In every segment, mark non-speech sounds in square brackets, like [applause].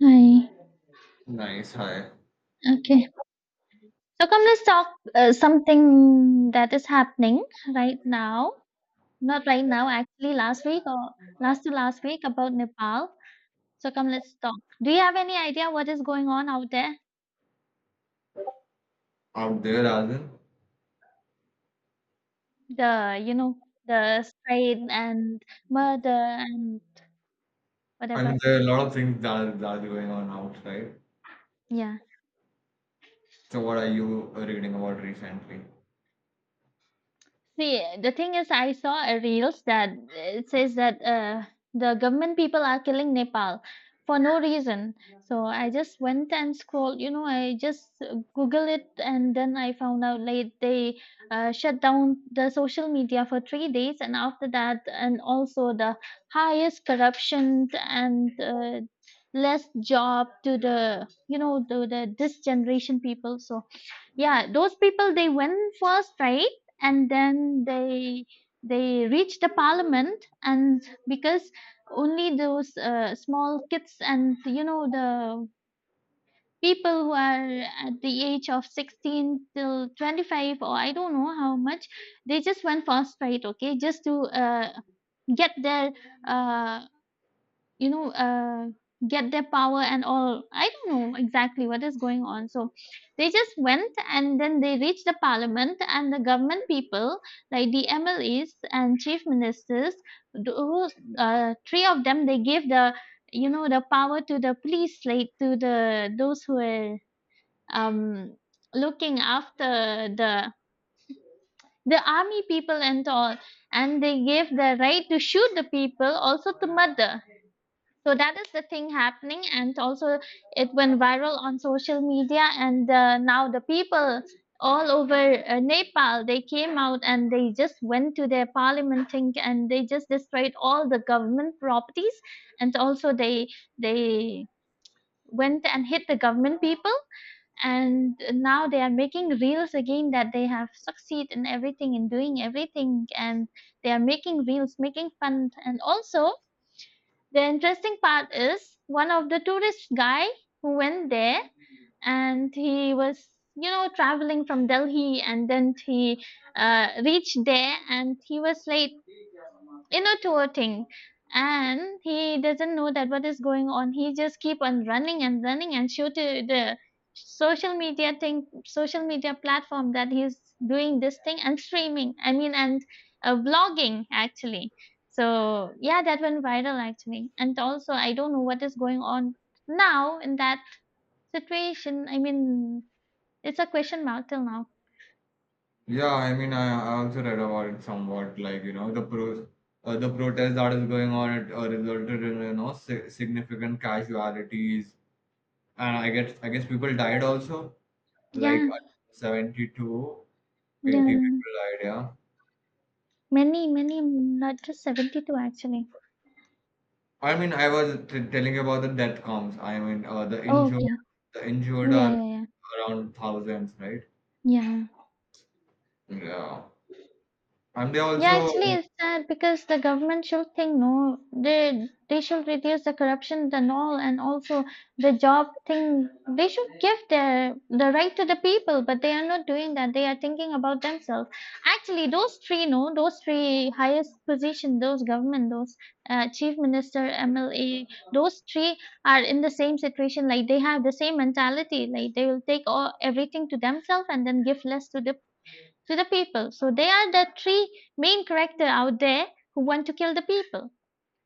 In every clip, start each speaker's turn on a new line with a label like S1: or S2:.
S1: Hi.
S2: Nice. Hi.
S1: Okay. So come, let's talk something that is happening right now. Not right now, actually, last week or last to last week about Nepal. So come, let's talk. Do you have any idea what is going on out there?
S2: Out there, as in?
S1: The you know the trade and murder and
S2: I mean,
S1: whatever.
S2: there are a lot of things that are going on outside.
S1: Yeah.
S2: So, what are you reading about recently?
S1: See, the thing is, I saw a reels that it says that the government people are killing Nepal for no reason. So I just went and scrolled. I just Google it, and then I found out like they shut down the social media for 3 days, and after that, and also the highest corruption and less job to the this generation people. So yeah, those people they went first, right? And then they reached the parliament, and because only those small kids and the people who are at the age of 16 till 25, or I don't know how much, they just went fast a okay, just to get their uh, you know uh, get their power and all, I don't know exactly what is going on. So they just went and then they reached the parliament, and the government people like the mles and chief ministers, those three of them, they gave the the power to the police, like to the those who are um looking after the army people and all, and they gave the right to shoot the people, also to murder. So that is the thing happening, and also it went viral on social media. And now the people all over Nepal, they came out and they just went to their parliament thing and they just destroyed all the government properties, and also they went and hit the government people. And now they are making reels again that they have succeed in everything, in doing everything, and they are making reels, making fun, and also the interesting part is one of the tourist guy who went there, and he was traveling from Delhi, and then he reached there and he was late inner tour thing, and he doesn't know that what is going on. He just keep on running and running and show to the social media thing, social media platform, that he's doing this thing and streaming, I mean, and vlogging actually. So yeah, that went viral actually, and also I don't know what is going on now in that situation, I mean, it's a question mark till now.
S2: Yeah, I mean, I also read about it somewhat. Like, you know, the protest that is going on, it resulted in, you know, si significant casualties. And I guess people died also. Like,
S1: Yeah,
S2: 72 eighty
S1: yeah,
S2: people died, yeah.
S1: many many, not just 72 actually.
S2: I mean, I was t telling you about the death counts. I mean,
S1: Oh, okay.
S2: the injured
S1: Yeah,
S2: are
S1: yeah, yeah.
S2: around thousands, right?
S1: Yeah.
S2: Yeah. And they
S1: Yeah,
S2: also,
S1: actually it's sad because the government should think, no, they should reduce the corruption and all, and also the job thing, they should give their the right to the people, but they are not doing that. They are thinking about themselves. Actually those three, no, those three highest position, those government, those chief minister, MLA, those three are in the same situation, like they have the same mentality, like they will take all everything to themselves and then give less to the people. So they are the three main character out there who want to kill the people,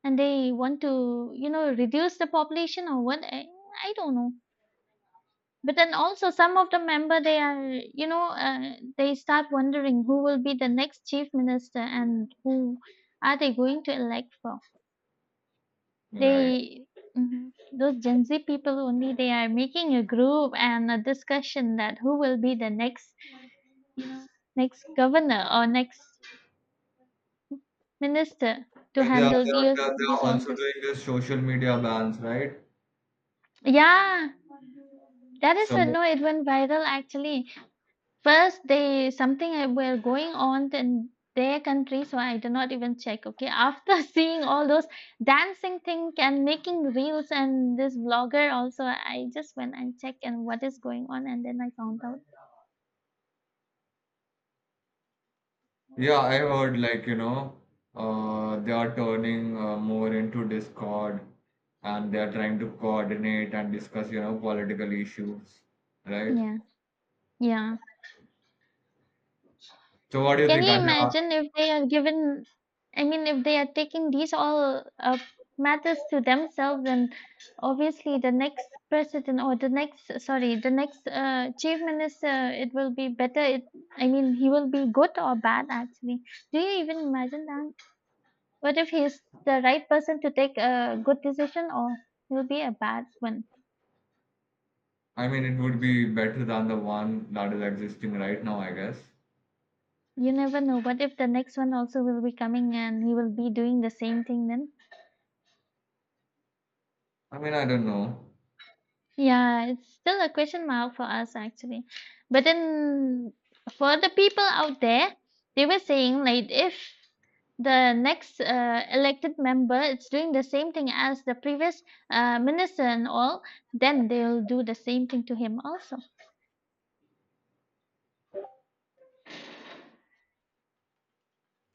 S1: and they want to, you know, reduce the population, or what? I don't know. But then also some of the member, they are, they start wondering who will be the next chief minister and who are they going to elect for.
S2: right.
S1: They Mhm. Those Gen Z people only, they are making a group and a discussion that who will be the next, you know, next governor or next minister to
S2: They are, they are,
S1: handle
S2: they are, they are
S1: these all
S2: also
S1: this.
S2: doing this social media bans, right?
S1: Yeah, that is a
S2: So,
S1: no. It went viral actually. First, they something were going on in their country, so I did not even check. Okay, after [laughs] seeing all those dancing thing and making reels and this vlogger also, I just went and checked and what is going on, and then I found out.
S2: yeah, I heard like, you know, they are turning more into Discord, and they are trying to coordinate and discuss, you know, political issues, right?
S1: Yeah, yeah.
S2: So, what do you
S1: Can
S2: think?
S1: you imagine if they are given, I mean, if they are taking these all matters to themselves, then obviously the next president or the next, sorry, the next chief minister, it will be better. It, I mean, he will be good or bad actually. Do you even imagine that? What if he's the right person to take a good decision, or he'll be a bad one?
S2: I mean, it would be better than the one that is existing right now, I guess.
S1: You never know. What if the next one also will be coming and he will be doing the same thing then?
S2: I mean, I don't know,
S1: Yeah, it's still a question mark for us actually. But then for the people out there, they were saying like, if the next elected member is doing the same thing as the previous minister and all, then they'll do the same thing to him also.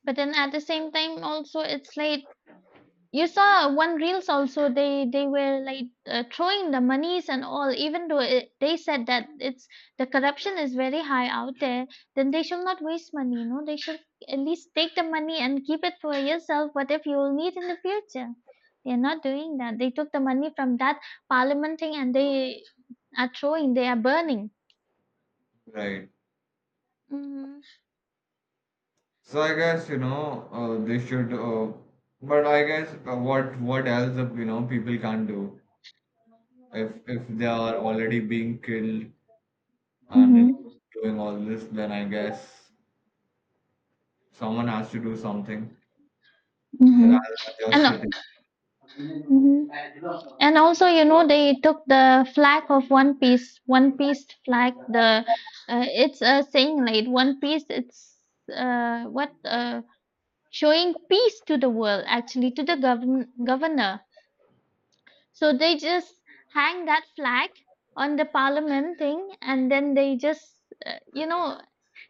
S1: But then at the same time, also it's like, you saw one reels also, they were like throwing the monies and all, even though it, they said that it's, the corruption is very high out there, then they should not waste money, you know, they should at least take the money and keep it for yourself, what if you will need in the future. They are not doing that. They took the money from that parliament thing, and they are throwing, they are burning.
S2: right?
S1: Mm-hmm.
S2: So I guess they should. But I guess what else you know people can't do if they are already being killed and
S1: Mm-hmm.
S2: doing all this, then I guess someone has to do something rather
S1: Mm-hmm.
S2: than
S1: And
S2: just sitting.
S1: Mhm. And also, you know, they took the flag of One Piece, One Piece flag. The it's a saying like One Piece. It's what showing peace to the world, actually, to the govern governor. So they just hang that flag on the parliament thing, and then they just,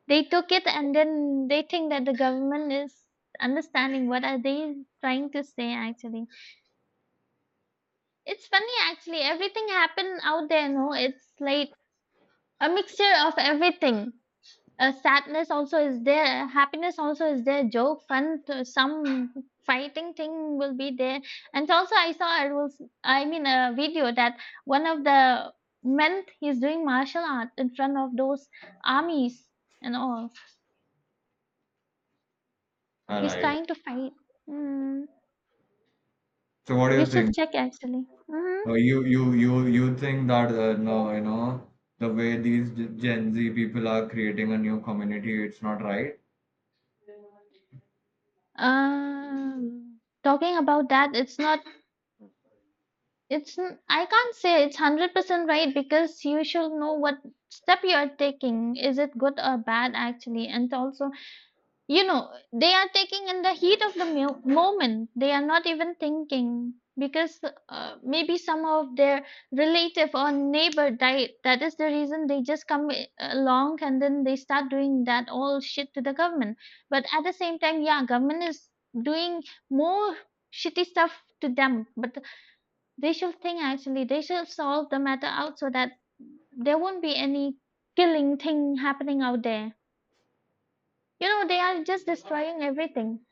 S1: they took it, and then they think that the government is understanding what are they trying to say, actually. It's funny actually, everything happened out there, no? It's like a mixture of everything. Sadness also is there, happiness also is there, joke, fun, to some fighting thing will be there. And also, I saw a rules, I mean, a video that one of the men, he's doing martial art in front of those armies and all.
S2: All
S1: He's
S2: right.
S1: trying to fight. Mm,
S2: So what do
S1: you
S2: you
S1: should
S2: think?
S1: check actually. Hmm.
S2: You think that no, you know the way these Gen Z people are creating a new community, it's not right.
S1: Talking about that, it's not. I can't say it's 100% right because you should know what step you are taking. Is it good or bad actually? And also, you know, they are taking in the heat of the moment. They are not even thinking because maybe some of their relative or neighbor died. That is the reason they just come along and then they start doing that all shit to the government. But at the same time, yeah, government is doing more shitty stuff to them, but they should think actually, they should solve the matter out so that there won't be any killing thing happening out there. You know, they are just destroying everything.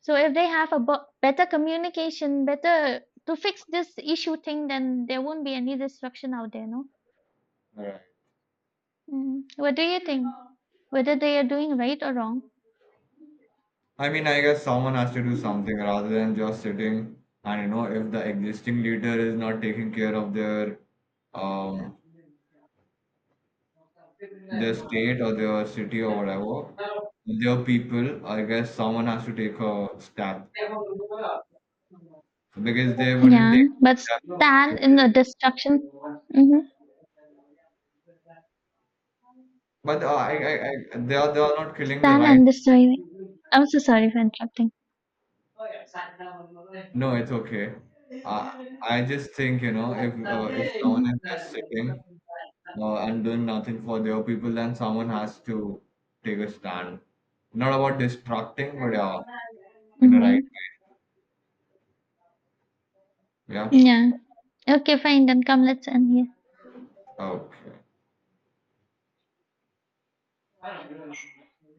S1: So if they have a better communication, better to fix this issue thing, then there won't be any destruction out there, no? Mm. What do you think? Whether they are doing right or wrong?
S2: I mean, I guess someone has to do something rather than just sitting. And you know, if the existing leader is not taking care of um their state or their city or whatever, their people, I guess someone has to take a step because they wouldn't take
S1: Yeah, but
S2: a step. if-
S1: stand in the destruction. Hmm.
S2: But they are not killing the
S1: Stand
S2: right.
S1: and destroy. I'm so sorry for interrupting.
S2: No, it's okay. Uh, I just think you know if someone is just sitting and doing nothing for their people, then someone has to take a stand. Not about distracting, but yeah, in the right.
S1: Mm-hmm.
S2: Yeah.
S1: Yeah. Okay, fine. Then come, let's end here.
S2: Okay.